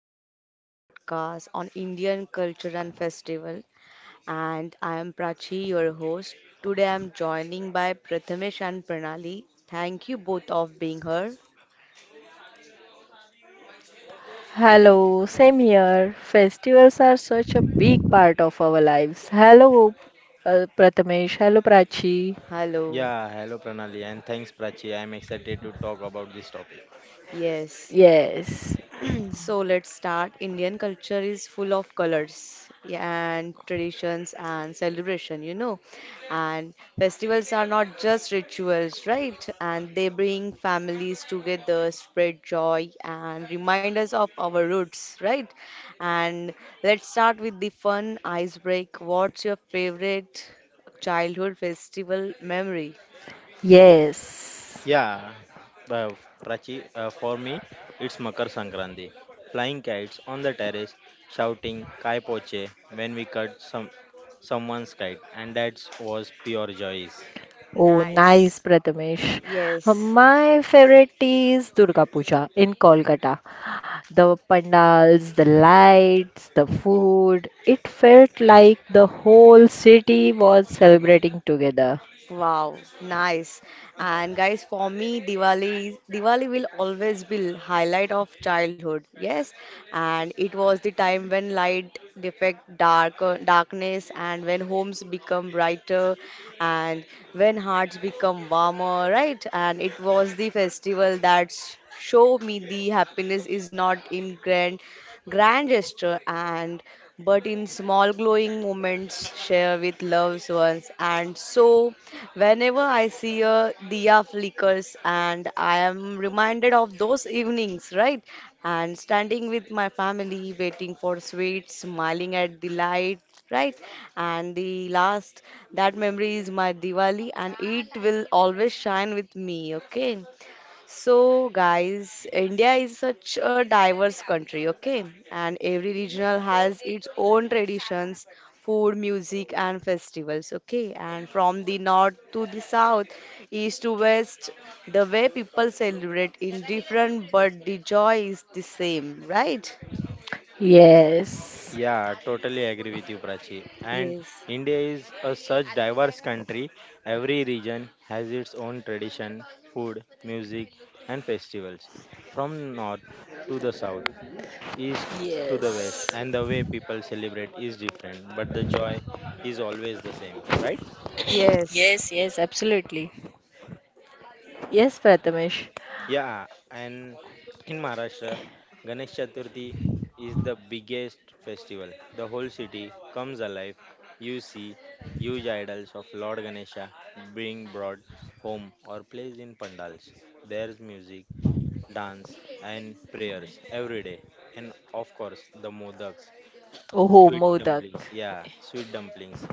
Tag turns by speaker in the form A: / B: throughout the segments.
A: Welcome to our podcast on Indian culture and festival. And I am Prachi, your host. Today, I'm joining by Prathamesh and Pranali. Thank you both of being here.
B: Hello, same here. Festivals are such a big part of our lives. Hello, Prathamesh. Hello, Prachi.
A: Hello.
C: Yeah, hello Pranali, and thanks Prachi. I'm excited to talk about this topic.
A: Yes.
B: Yes,
A: So let's start. Indian culture is full of colors, yeah, and traditions and celebration. And festivals are not just rituals, right? And they bring families together, spread joy, and remind us of our roots, right? And let's start with the fun icebreak. What's your favorite childhood festival memory?
B: yes.
C: Yeah, uh, Prachi, for me, it's Makar Sankranti. Flying kites on the terrace, shouting Kai Poche when we cut someone's kite, and that was pure joys.
B: Oh,
A: Nice.
B: nice, Prathamesh. Uh,
A: Yes.
B: My favorite is Durga Puja in Kolkata. The pandals, the lights, the food. It felt like the whole city was celebrating together.
A: Wow, nice. And guys, for me, Diwali will always be highlight of childhood. Yes, and it was the time when light defect darkness and when homes become brighter and when hearts become warmer, right? And it was the festival that show me the happiness is not in grand gesture and but in small glowing moments share with loved ones. And so, whenever I see a diya flickers, and I am reminded of those evenings, right? And standing with my family, waiting for sweets, smiling at the light. Right, and the last that memory is my Diwali, and it will always shine with me. Okay, so, guys, India is such a diverse country, okay? And every regional has its own traditions, food, music, and festivals, okay? And from the north to the south, east to west, the way people celebrate in different, but the joy is the same, right?
B: Yes,
C: Yeah, totally agree with you, Prachi. And
A: Yes,
C: India is a such diverse country. Every region has its own tradition, food, music, and festivals. From north to the south, east to the west,
B: yes.
C: and the way people celebrate is different, but the joy is always the same, right?
A: yes,
B: Yes, yes, absolutely. Yes, Prathamesh.
C: Yeah, and in Maharashtra, Ganesh Chaturthi is the biggest festival. The whole city comes alive. You see huge idols of Lord Ganesha being brought home or placed in pandals. There's music, dance, and prayers every day, and of course, the modaks.
B: Oh,
C: Sweet
B: Modak.
C: dumplings, yeah, sweet dumplings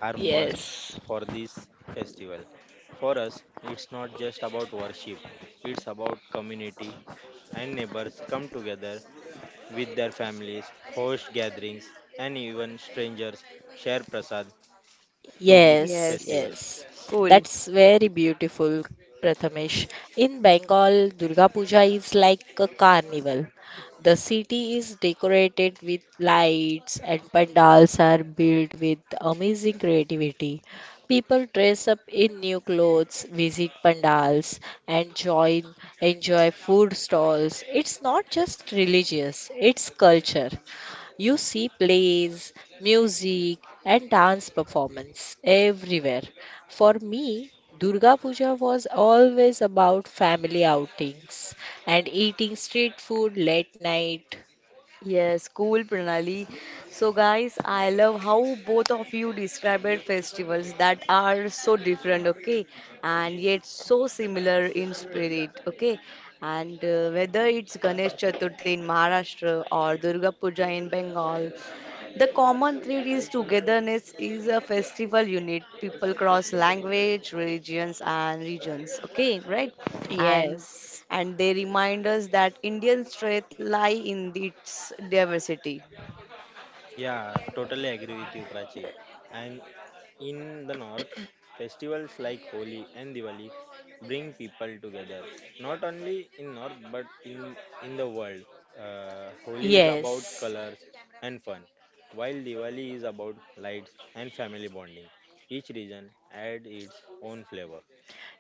C: are must
B: Yes.
C: for this festival. For us, it's not just about worship, it's about community, and neighbors come together with their families, host gatherings, and even strangers share prasad to this
B: Yes,
A: yes.
C: festival.
B: yes.
A: Cool.
B: That's very beautiful, Prathamesh. In Bengal, Durga Puja is like a carnival. The city is decorated with lights and pandals are built with amazing creativity. People dress up in new clothes, visit pandals, and join enjoy food stalls. It's not just religious, it's culture. You see plays, music, and dance performance everywhere. For me, Durga Puja was always about family outings and eating street food late night.
A: Yes, cool, Pranali. So, guys, I love how both of you described festivals that are so different, okay, and yet so similar in spirit, okay. And whether it's Ganesh Chaturthi in Maharashtra or Durga Puja in Bengal, the common thread is togetherness is a festival unit. People cross language, religions, and regions. Okay, right? And
B: Yes,
A: and they remind us that Indian strength lie in its diversity.
C: Yeah, totally agree with you, Prachi. And in the north, festivals like Holi and Diwali bring people together. Not only in north, but in the world. Holi is about
B: yes.
C: colors and fun, while Diwali is about lights and family bonding. Each region adds its own flavor.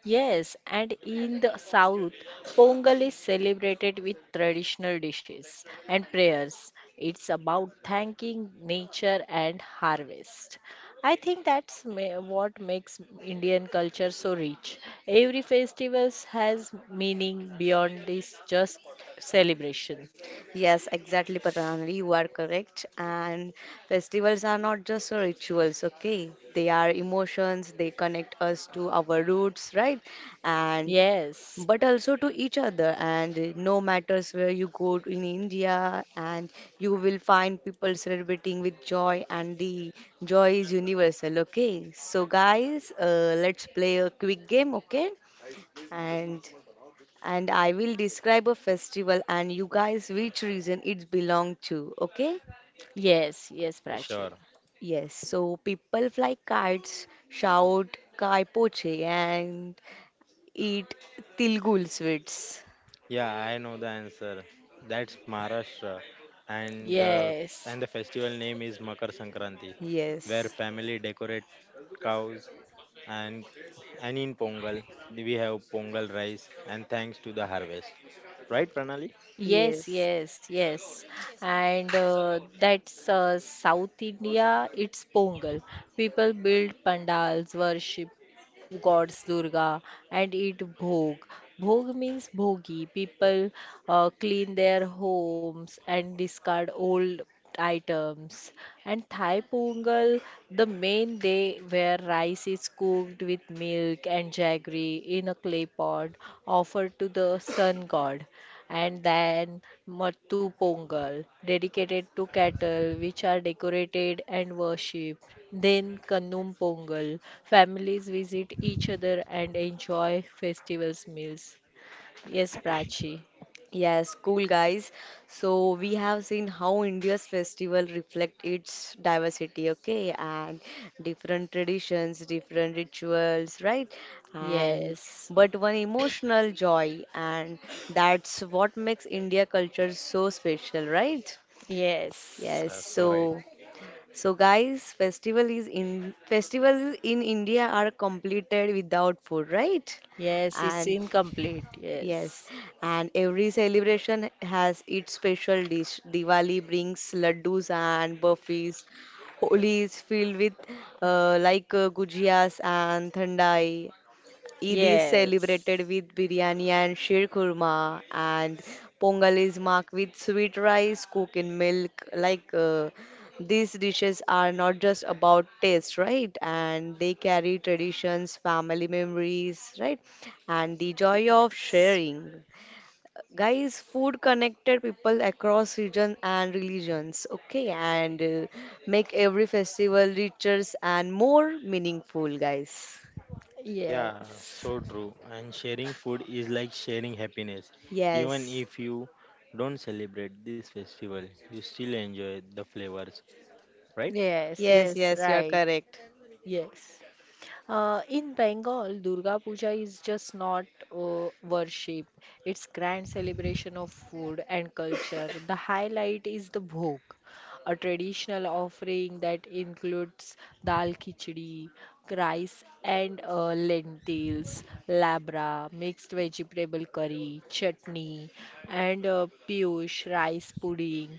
B: Yes, and in the south, Pongal is celebrated with traditional dishes and prayers. It's about thanking nature and harvest. I think what makes Indian culture so rich. Every festival has meaning beyond this just celebration.
A: Yes, exactly, Pranali. You are correct. And festivals are not just rituals, okay? They are emotions, they connect us to our roots, right? And
B: Yes,
A: but also to each other. And no matters where you go to in India, and you will find people celebrating with joy, and the joy is universal, okay? So, guys, let's play a quick game, okay? And and I will describe a festival and you guys which region it belong to, okay?
B: yes, yes,
C: Yeah,
B: Prachi.
C: sure.
A: Yes, so people fly kites, shout kai poche and eat tilgul sweets.
C: Yeah, I know the answer. That's Maharashtra, and the
B: Yes.
C: and the festival name is Makar Sankranti, where
A: Yes,
C: family decorate cows, and in Pongal we have Pongal rice, and thanks to the harvest. Right, Pranali?
B: Yes,
A: yes.
B: yes, yes. And that's South India, it's Pongal. People build pandals, worship gods Durga and eat bhog. Bhog means bhogi. People clean their homes and discard old items. And Thai Pongal, the main day where rice is cooked with milk and jaggery in a clay pot offered to the sun god. And then Mattu Pongal, dedicated to cattle, which are decorated and worshipped. Then Kanum Pongal. Families visit each other and enjoy festivals meals. Yes, Prachi.
A: Yes, cool guys. So we have seen how India's festival reflect its diversity, okay, and different traditions, different rituals, right? And
B: Yes.
A: but one emotional joy, and that's what makes India culture so special, right?
B: Yes.
A: Yes,
C: Yeah, so right.
A: so so guys, festival is in festival in India are completed without food, right?
B: Yes, it's
A: And
B: incomplete.
A: yes,
B: Yes.
A: and every celebration has its special dish. Diwali brings laddus and burfis. Holi is filled with like gujiyas and thandai, Eid is
B: Yes.
A: celebrated with biryani and sheer kurma, and Pongal is marked with sweet rice cooked in milk. Like these dishes are not just about taste, right? And they carry traditions, family memories, right? And the joy of
B: Yes.
A: sharing. Guys, food connected people across region and religions, okay? And make every festival richer and more meaningful, guys.
C: Yeah,
B: Yes.
C: so true. And sharing food is like sharing happiness. Even
A: Yes.
C: if you don't celebrate this festival, you still enjoy the flavors, right?
B: Yes.
A: Yes,
B: Yes.
A: yes, you are
B: Right.
A: correct.
B: Yes. In Bengal, Durga Puja is just not worship. It's grand celebration of food and culture. The highlight is the bhog, a traditional offering that includes dal khichdi, rice and lentils, labra, mixed vegetable curry, chutney, and piyush rice pudding.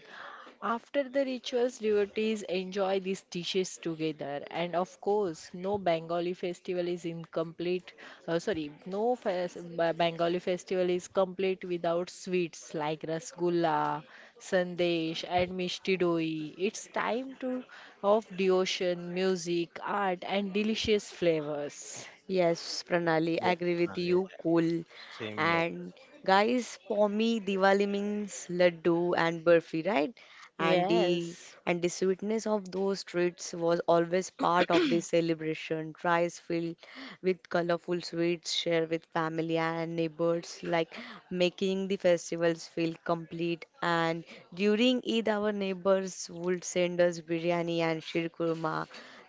B: After the rituals, devotees enjoy these dishes together, and of course, no Bengali festival is incomplete. Sorry, no fes- Ba- Bengali festival is complete without sweets like rasgulla, sandesh, and mishti doi. It's time to of devotion, music, art, and delicious flavors.
A: Yes, Pranali,
C: Yeah,
A: I agree with
C: Pranali,
A: you. Cool.
C: same here.
A: And guys, for me, Diwali means laddu and burfi, right? and the
B: Yes.
A: and the sweetness of those treats was always part of the celebration. Rice filled with colorful sweets shared with family and neighbors, like making the festivals feel complete. And during Eid, our neighbors would send us biryani and shirkurma.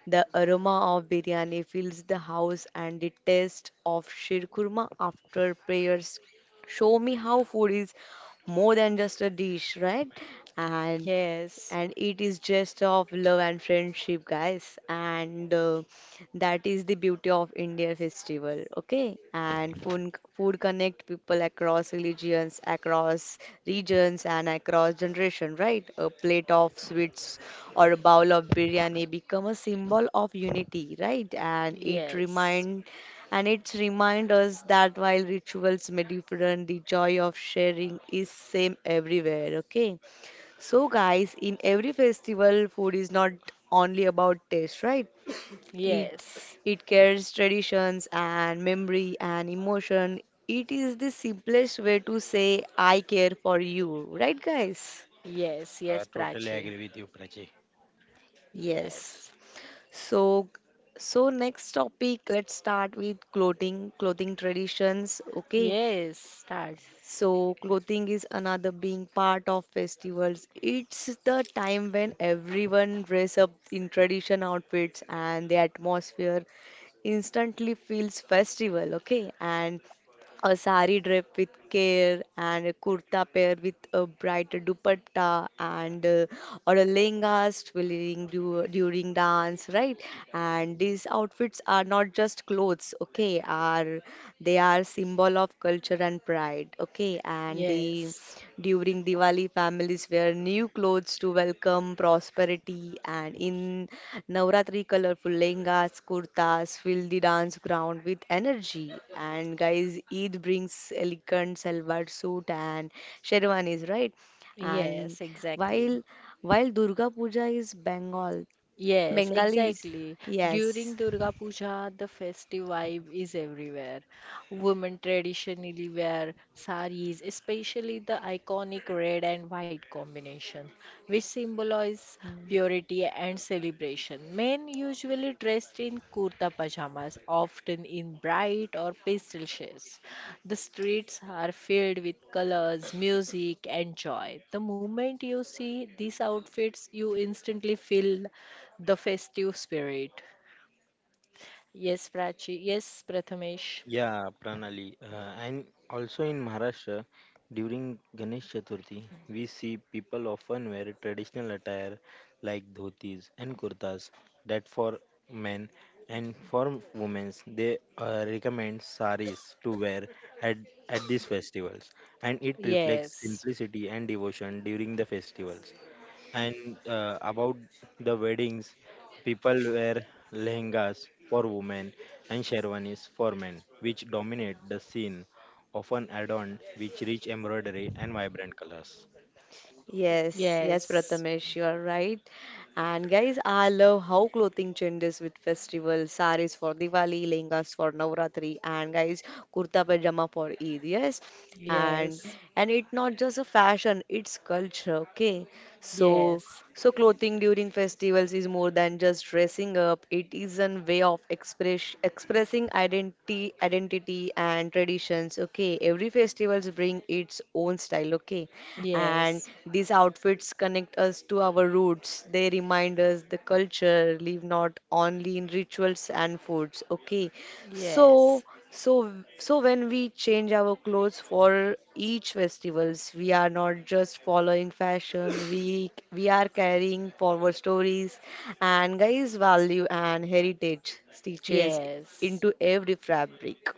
A: The aroma of biryani fills the house, and the taste of shirkurma after prayers show me how food is more than just a dish, right? And
B: Yes,
A: and it is just of love and friendship, guys. And that is the beauty of India festival, okay? And food connect people across religions, across regions, and across generation, right? A plate of sweets or a bowl of biryani become a symbol of unity, right? And it
B: yes,
A: remind and it remind us that while rituals may differ, the joy of sharing is same everywhere, okay? So, guys, in every festival, food is not only about taste, right? It
B: yes.
A: it carries traditions and memory and emotion. It is the simplest way to say I care for you, right, guys?
B: Yes, yes,
C: Yeah, totally
B: Prachi.
C: agree with you, Prachi.
A: Yes.
B: Yes.
A: So, so next topic, let's start with clothing, clothing traditions. Okay,
B: Yes, start.
A: so clothing is another being part of festivals. It's the time when everyone dress up in tradition outfits and the atmosphere instantly feels festival, okay? And a sari draped with care and a kurta paired with a bright dupatta and or a lehenga during dance, right? And these outfits are not just clothes, okay? Are they are symbol of culture and pride, okay? And the
B: Yes,
A: during Diwali, families wear new clothes to welcome prosperity. And in Navratri, colorful lehengas, kurtas fill the dance ground with energy. And guys, Eid brings elegant salwar suit and sherwanis, right? And
B: yes, exactly.
A: while while Durga Puja is Bengal,
B: Yes,
A: Bengalis,
B: exactly.
A: yes.
B: During Durga Puja, the festive vibe is everywhere. Women traditionally wear saris, especially the iconic red and white combination, which symbolize purity and celebration. Men usually dressed in kurta pajamas, often in bright or pastel shades. The streets are filled with colors, music, and joy. The moment you see these outfits, you instantly feel the festive spirit. Yes, Prachi. Yes, Prathamesh.
C: Yeah, Pranali. And also in Maharashtra, during Ganesh Chaturthi, we see people often wear traditional attire like dhotis and kurtas. That for men, and for women, they recommend saris to wear at, at these festivals, and it reflects
B: Yes.
C: simplicity and devotion during the festivals. And about the weddings, people wear lehengas for women and sherwanis for men, which dominate the scene, often adorned with rich embroidery and vibrant colors.
A: Yes, yes,
B: Yes.
A: Prathamesh, you are right. And guys, I love how clothing changes with festivals. Saris for Diwali, lehengas for Navratri, and guys, kurta pajama for Eid. Yes, and
B: Yes. Yes.
A: and it's not just a fashion; it's culture. Okay, so. So, clothing during festivals is more than just dressing up. It is a way of expressing identity and traditions. Okay, every festivals bring its own style. Okay, and
B: Yes.
A: these outfits connect us to our roots. They remind us the culture, live not only in rituals and foods. Okay, so
B: Yes.
A: so, so when we change our clothes for each festivals, we are not just following fashion. We are carrying forward stories and guys' value and heritage stitches
B: Yes.
A: into every fabric.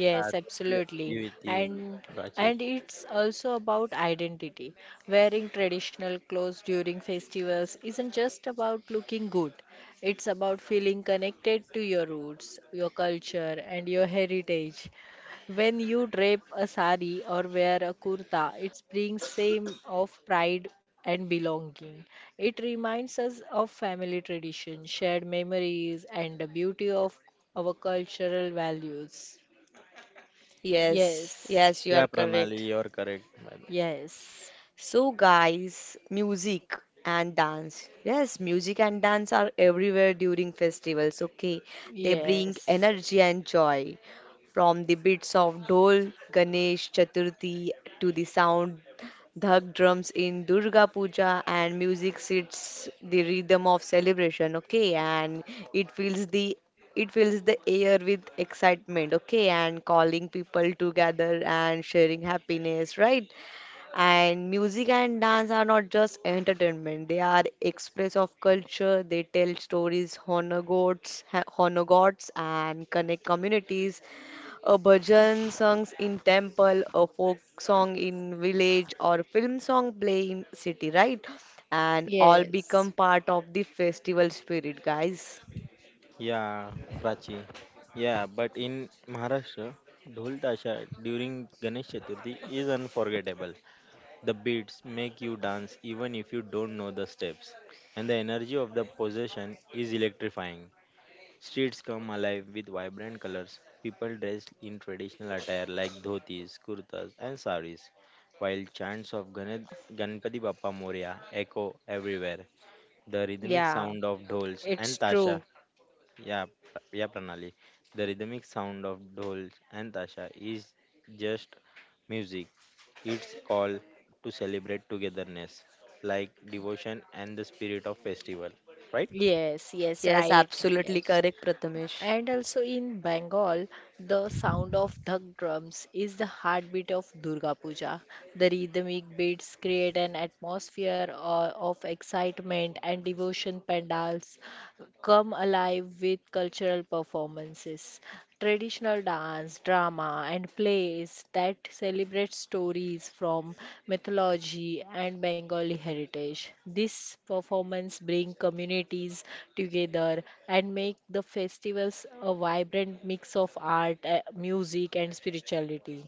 C: Yeah, totally
B: absolutely.
C: agree with you,
B: And
C: Prachi.
B: and it's also about identity. Wearing traditional clothes during festivals isn't just about looking good. It's about feeling connected to your roots, your culture, and your heritage. When you drape a sari or wear a kurta, it brings same of pride and belonging. It reminds us of family tradition, shared memories, and the beauty of our cultural values.
A: Yes,
B: Yes,
A: yes, you are
C: Yeah, Pranali,
A: correct.
C: you're correct, by the way.
B: yes,
A: So, guys, music and dance. Yes, music and dance are everywhere during festivals, okay? They bring
B: yes,
A: energy and joy. From the beats of Dol, Ganesh Chaturthi to the sound dhak drums in Durga Puja and music sits the rhythm of celebration, okay? And it fills the it fills the air with excitement, okay? And calling people together and sharing happiness, right? And music and dance are not just entertainment, they are express of culture, they tell stories, honor gods and connect communities. A bhajan songs in temple, a folk song in village or film song play in city, right? And all
B: yes.
A: become part of the festival spirit, guys.
C: Yeah, Prachi. Yeah, but in Maharashtra, Dhol Tasha during Ganesh Chaturthi is unforgettable. The beats make you dance even if you don't know the steps, and the energy of the possession is electrifying. Streets come alive with vibrant colors, people dressed in traditional attire like dhotis, kurtas, and saris, while chants of Ganpati Bappa Moria echo everywhere. The rhythmic
B: Yeah,
C: sound of dhols and
B: it's
C: tasha.
B: true.
C: Pranali. The rhythmic sound of dhol and tasha is just music. It's call to celebrate togetherness, like devotion and the spirit of festival, right?
B: Yes, yes,
A: Yes,
B: right.
A: absolutely
B: Yes,
A: correct, Prathamesh.
B: and also in Bengal, the sound of dhak drums is the heartbeat of Durga Puja. The rhythmic beats create an atmosphere of excitement and devotion pandals come alive with cultural performances, traditional dance, drama, and plays that celebrate stories from mythology and Bengali heritage. This performance bring communities together and make the festivals a vibrant mix of art, music, and spirituality.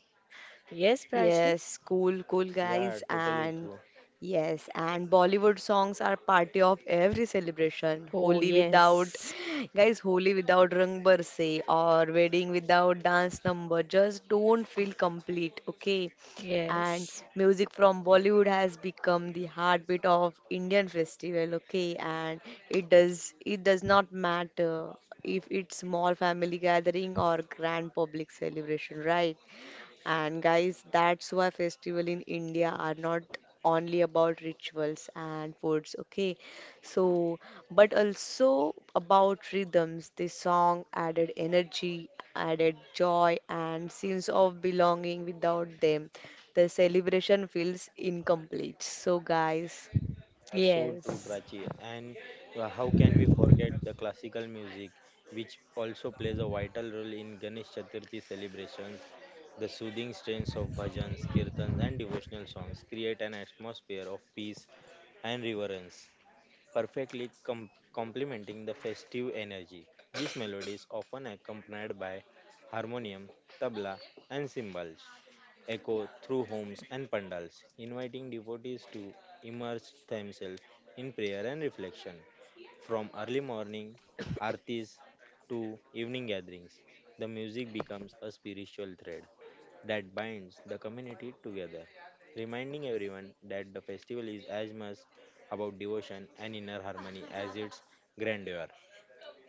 B: Yes, Prachi?
A: Yes, cool, cool
C: Yeah,
A: guys,
C: totally
A: and
C: true.
A: yes, and Bollywood songs are party of every celebration.
B: Oh,
A: Holi without,
B: yes.
A: guys, Holi without Rang Barse or wedding without dance number just don't feel complete, okay? And
B: Yes.
A: music from Bollywood has become the heartbeat of Indian festival, okay? And it does not matter if it's small family gathering or grand public celebration, right? And guys, that's why festival in India are not only about rituals and foods, okay? So, but also about rhythms. The song added energy, added joy, and sense of belonging. Without them, the celebration feels incomplete. So, guys,
C: Yeah, so true,
B: Yes.
C: Prachi. And how can we forget the classical music, which also plays a vital role in Ganesh Chaturthi celebrations? The soothing strains of bhajans, kirtans, and devotional songs create an atmosphere of peace and reverence, perfectly complementing the festive energy. These melodies often accompanied by harmonium, tabla, and cymbals echo through homes and pandals, inviting devotees to immerse themselves in prayer and reflection. From early morning artis to evening gatherings, the music becomes a spiritual thread that binds the community together, reminding everyone that the festival is as much about devotion and inner harmony as its grandeur.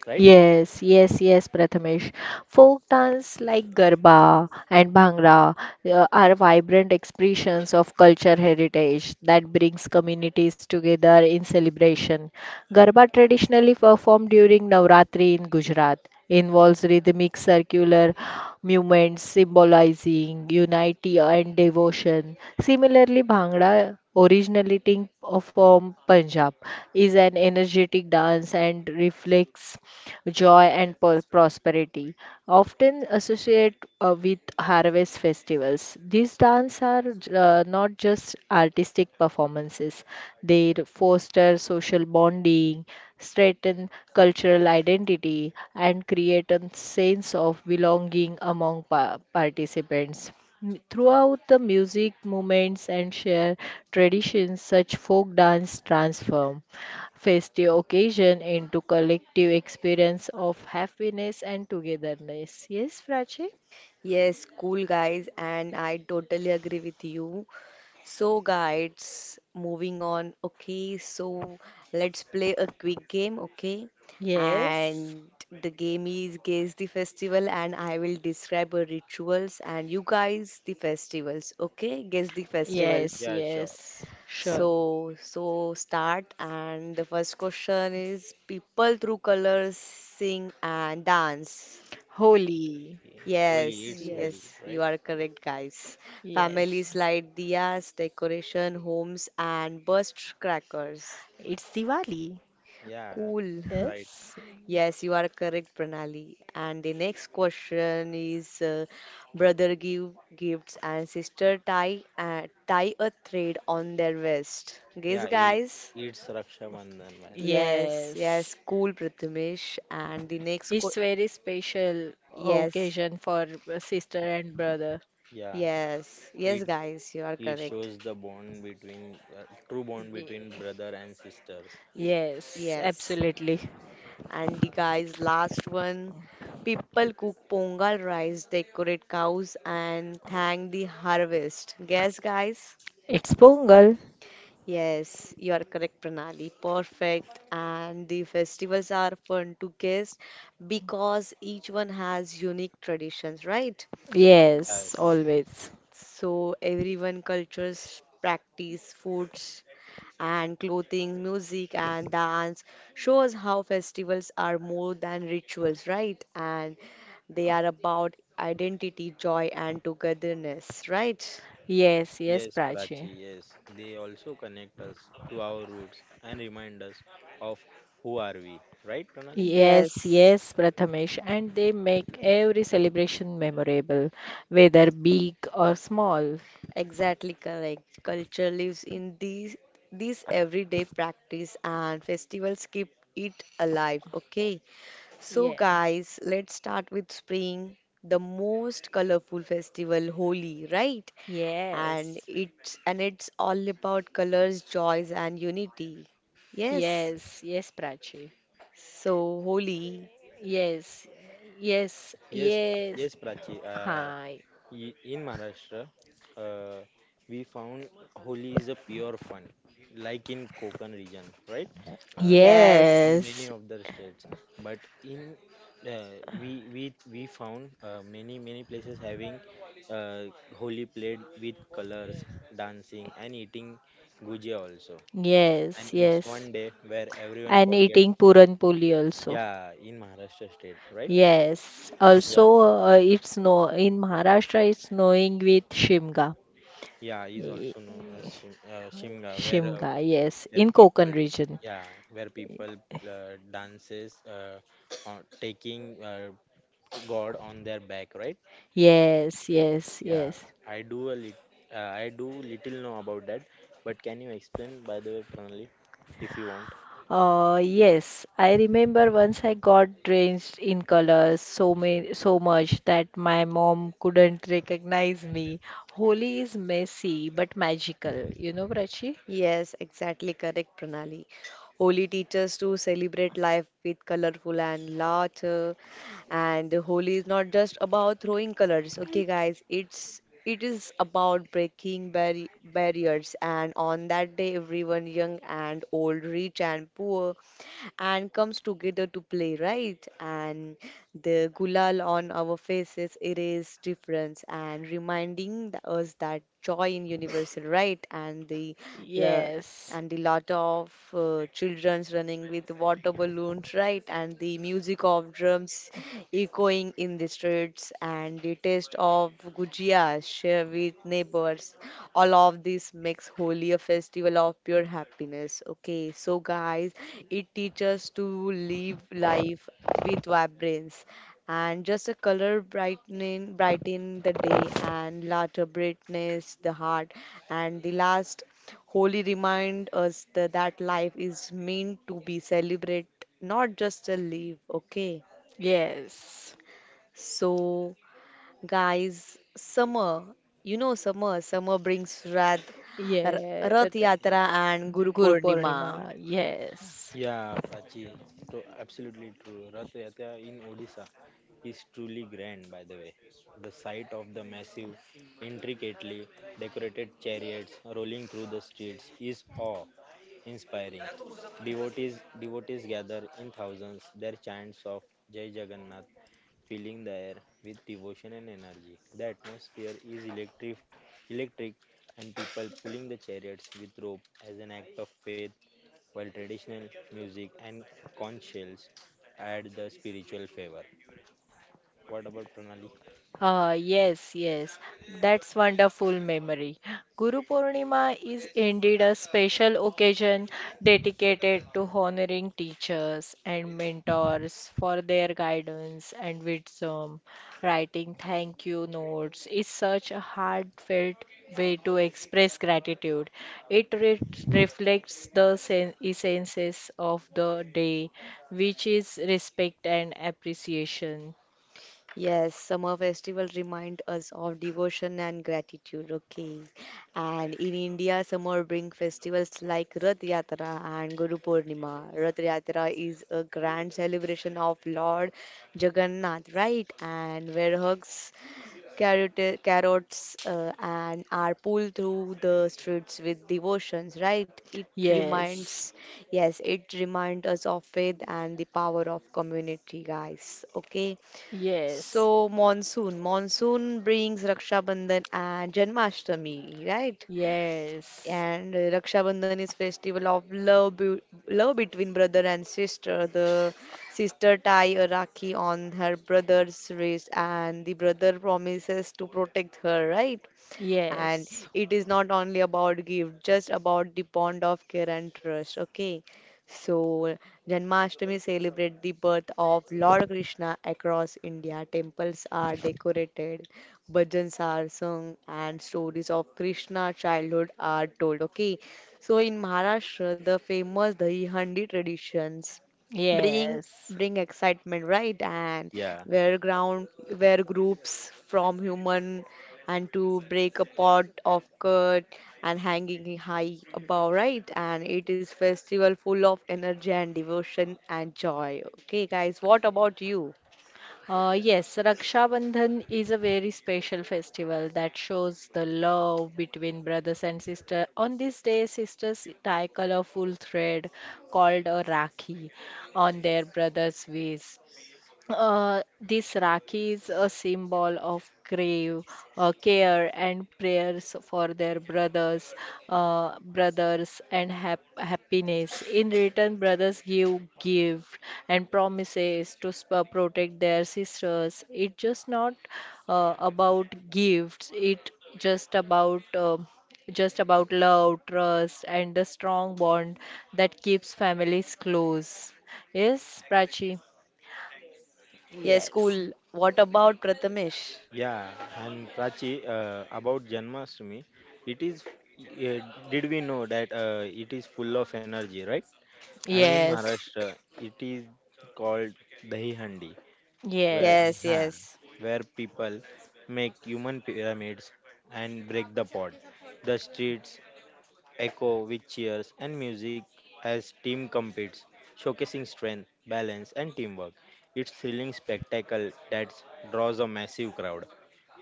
C: Right?
B: Yes, yes, yes, Prathamesh. Folk dance like Garba and Bhangra are vibrant expressions of culture heritage that brings communities together in celebration. Garba, traditionally performed during Navratri in Gujarat, involves rhythmic circular movements symbolizing unity and devotion. Similarly, Bhangra, originally originating from Punjab, is an energetic dance and reflects joy, and prosperity, often associate with harvest festivals. These dances are not just artistic performances, they foster social bonding, strengthen cultural identity, and create a sense of belonging among participants. Throughout the music movements and share traditions, such folk dance transform festive occasion into collective experience of happiness and togetherness. Yes, Prachi?
A: yes, cool guys, and I totally agree with you. So, guys, moving on. Okay, so let's play a quick game. Okay,
B: Yes,
A: and the game is Guess the Festival, and I will describe a rituals, and you guys the festivals. Okay, guess the festivals.
B: yes,
C: Yeah, sure.
B: yes, sure.
A: So, so start, and the first question is people through colors sing and dance.
B: Holy.
C: Holy,
A: Yes,
C: it's holy,
B: Yes,
A: yes, you
C: right?
A: are correct, guys.
B: yes.
A: Families light diyas, decoration, homes, and burst crackers.
B: It's Diwali.
C: Yeah,
A: Cool.
C: right.
B: Yes,
A: Yes, you are correct, Pranali. And the next question is brother give gifts and sister tie tie a thread on their waist. Guess,
C: Yeah, it
A: guys.
C: it's Raksha Bandhan, by the way.
A: Yes, yes,
B: yes.
A: cool, Prathamesh. And the next co
B: It's very special
A: yes,
B: occasion for sister and brother.
C: Yeah,
A: yes,
C: it
A: yes, guys, you are
C: it
A: correct.
C: shows the bond between true bond between
B: Ye-
C: brother and sisters.
A: Ye-
B: Yes,
A: yes.
B: absolutely.
A: And the guys, last one. People cook pongal rice, decorate cows, and thank the harvest. Guess, guys?
B: It's Pongal.
A: Yes, you are correct, Pranali. Perfect. And the festivals are fun to guess because each one has unique traditions, right?
B: Yes,
C: Yes,
B: always.
A: So everyone cultures practice foods and clothing, music, and dance shows how festivals are more than rituals, right? And they are about identity, joy, and togetherness, right?
B: Yes, yes,
C: yes,
B: Prachi.
C: Prachi. Yes, they also connect us to our roots and remind us of who are we. Right, Pranali?
B: Yes,
A: Yes,
B: yes, Prathamesh. And they make every celebration memorable, whether big or small.
A: exactly correct. Culture lives in these everyday practice and festivals keep it alive, okay? So
B: Yeah.
A: guys, let's start with spring, the most colorful festival, Holi, right? and
B: Yes,
A: it's and it's all about colors, joys, and unity. Yes.
B: yes, yes, Prachi.
A: So Holi.
B: Yes,
C: Yeah,
B: yes,
C: yes,
B: yes.
C: yes, Prachi. Uh,
B: Hi.
C: i- in Maharashtra, uh, we found Holi is a pure fun, like in Konkan region, right? Uh, in
A: Yes.
C: many
B: Yes,
C: of the states, but in uh, we we we found many many places having uh, holy played with colors, dancing, and eating gujia also,
B: yes,
C: and it's
B: yes.
C: one day where everyone
B: And
C: forgets
B: eating
C: it.
B: puran puli also.
C: Yeah, in Maharashtra state, right.
B: Yes.
C: yeah
B: Also, it's snow in Maharashtra. It's snowing with Shimga.
C: yeah is
B: Y-
C: also known as shimga,
B: Shimga. Yes,
C: where
B: in
C: people
B: Konkan region.
C: yeah where people dances taking god on their back, right.
B: Yes, yes,
C: Yeah,
B: yes.
C: I do a lit I do little know about that, but can you explain, by the way, Pranali, if you want?
B: Yes, I remember once I got drenched in colors so many, so much that my mom couldn't recognize me. Holi is messy but magical, you know, Prachi?
A: Yes, exactly correct, Pranali. Holi teaches to celebrate life with colorful and laughter, and Holi is not just about throwing colors, okay, guys? It is about breaking barriers. And on that day, everyone, young and old, rich and poor, and comes together to play, right? And the gulal on our faces erase difference and reminding us that joy in universal, right? And the
B: Yes,
A: the lot of children's running with water balloons right and the music of drums echoing in the streets and the taste of gujias shared with neighbors all of this makes holy a festival of pure happiness okay so guys it teaches to live life with vibrance and just a color brighten the day and lighter brightness the heart and the last holy remind us that, that life is meant to be celebrated, not just to live, okay?
B: yes.
A: So, guys, summer, you know summer, summer brings Rath,
B: Yeah,
A: Rath Yatra and Guru
B: Guru
A: Purnima.
B: Purnima, yes. Mm.
C: Yeah, Prachi, to absolutely true. Rath Yatra in Odisha is truly grand, by the way. The sight of the massive, intricately decorated chariots rolling through the streets is awe-inspiring. Devotees gather in thousands, their chants of Jai Jagannath filling the air with devotion and energy. The atmosphere is electric, and people pulling the chariots with rope as an act of faith, while traditional music and conch shells add the spiritual flavor. What about Pranali?
B: Yes, yes, that's wonderful memory. Guru Purnima is indeed a special occasion dedicated to honoring teachers and mentors for their guidance and wisdom. Writing thank you notes is such a heartfelt way to express gratitude. It re- reflects the essences of the day, which is respect and appreciation.
A: Yes, summer festival remind us of devotion and gratitude. Okay, and in India, summer bring festivals like Rath Yatra and Guru Purnima. Rath Yatra is a grand celebration of Lord Jagannath, right? And where hugs, carrots, and are pulled through the streets with devotions, right? It
B: Yes.
A: reminds, yes, it reminds us of faith and the power of community, guys. Okay.
B: Yes,
A: So monsoon, monsoon brings Raksha Bandhan and Janmashtami, right?
B: yes,
A: And Raksha Bandhan is festival of love, be love between brother and sister. The sister tie a rakhi on her brother's wrist, and the brother promises to protect her, right? And
B: yes,
A: it is not only about gift, just about the bond of care and trust. Okay. So Janmashtami celebrate the birth of Lord Krishna across India. Temples are decorated, bhajans are sung, and stories of Krishna childhood are told. Okay. So in Maharashtra, the famous Dahi Handi traditions bring
B: yes.
A: bring excitement right and
C: Yeah,
A: where ground where groups from human and to break a pot of curd and hanging it high above, right? And it is festival full of energy and devotion and joy. Okay, guys, what about you?
B: Yes, Raksha Bandhan is a very special festival that shows the love between brothers and sisters. On this day, sisters tie colorful thread called a rakhi on their brother's waist. This Rakhi is a symbol of grave care and prayers for their brothers, and happiness. In return, brothers give gift and promises to protect their sisters. It's just not about gifts. It just about uh, just about love, trust, and the strong bond that keeps families close. Yes, Prachi.
A: Yes,
B: Yes.
A: cool. What about Prathamesh?
C: yeah, And Prachi, about Janmashtami, it is. Uh, did we know that it is full of energy, right? And in
B: Yes,
C: Maharashtra, it is called Dahi Handi, where
A: Yes,
B: yes,
C: huh,
A: yes.
C: where people make human pyramids and break the pot. The streets echo with cheers and music as team competes, showcasing strength, balance, and teamwork. It's thrilling spectacle that draws a massive crowd,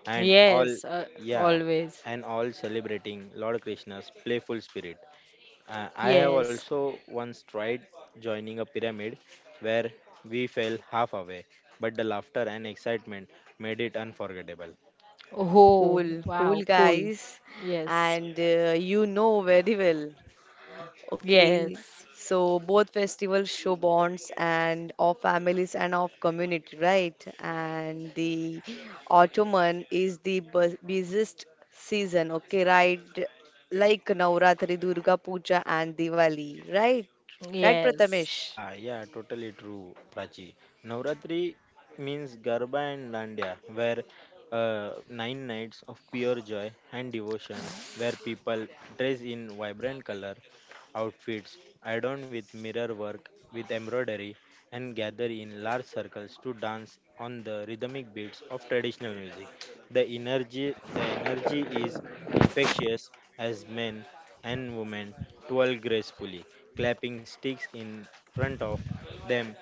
C: and all,
B: yes,
C: yeah,
B: always.
C: and all celebrating Lord Krishna's playful spirit. I have
B: Yes.
C: also once tried joining a pyramid where we fell half away, but the laughter and excitement made it unforgettable.
B: Oh,
A: Cool,
B: wow,
A: cool
B: cool.
A: guys.
B: Yes,
A: And you know very well. Okay,
B: yes,
A: so both festivals show bonds and of families and of community, right? And the autumn is the busiest season, okay, right? Like Navratri, Durga Puja, and Diwali, right? Right,
B: yes.
A: Prathamesh?
C: Yeah, totally true, Prachi. Navratri means Garba and Dandiya, where nine nights of pure joy and devotion, where people dress in vibrant color outfits, adorned with mirror work, with embroidery, and gather in large circles to dance on the rhythmic beats of traditional music. The energy is infectious as men and women twirl gracefully, clapping sticks in front of them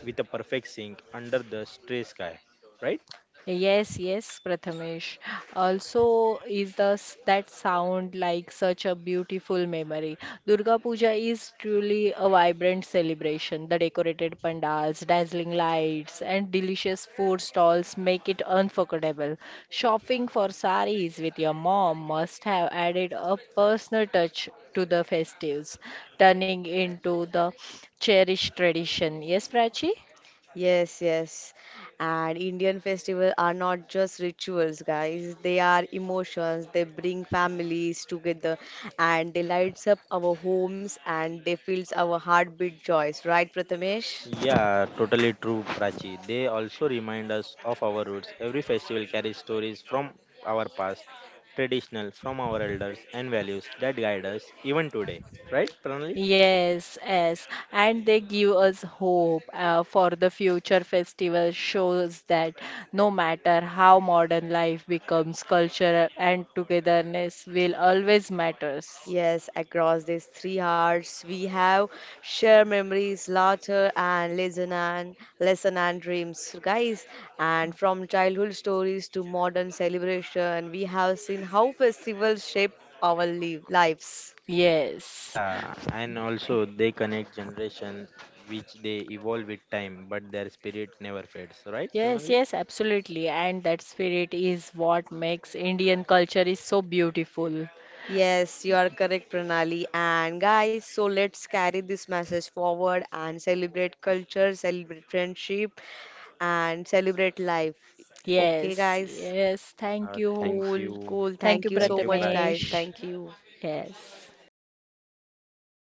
C: with a perfect sync under the stray sky. Right?
B: Yes, yes, Prathamesh. Also, is thus that sound like such a beautiful memory? Durga Puja is truly a vibrant celebration. The decorated pandals, dazzling lights, and delicious food stalls make it unforgettable. Shopping for saris with your mom must have added a personal touch to the festives, turning into the cherished tradition. Yes, Prachi?
A: Yes, yes. And Indian festivals are not just rituals, guys. They are emotions. They bring families together and they lights up our homes and they fills our heartbeat joys, right, Prathamesh?
C: Yeah, totally true, Prachi. They also remind us of our roots. Every festival carries stories from our past, traditional, from our elders, and values that guide us even today. Right, Pranali?
B: Yes, yes, and they give us hope for the future festival shows that no matter how modern life becomes, culture and togetherness will always matters.
A: Yes, across these three hearts we have shared memories, laughter and lesson and dreams, guys. And from childhood stories to modern celebration, we have seen how festivals shape our lives.
B: Yes.
C: Yeah, and also they connect generation which they evolve with time, but their spirit never fades. Right,
B: Yes,
C: Pranali?
B: yes, absolutely. And that spirit is what makes Indian culture is so beautiful.
A: Yes, you are correct, Pranali. And guys, so let's carry this message forward and celebrate culture, celebrate friendship, and celebrate life. Okay,
B: Yes,
A: guys?
B: yes. Thank
C: Yeah,
B: you.
C: thank
A: Cool,
C: you.
A: cool.
B: Thank you,
A: Thank you
C: Thank
A: so
C: you,
A: much, guys.
C: Prachi.
B: Prathamesh.
A: Thank you.
B: Yes.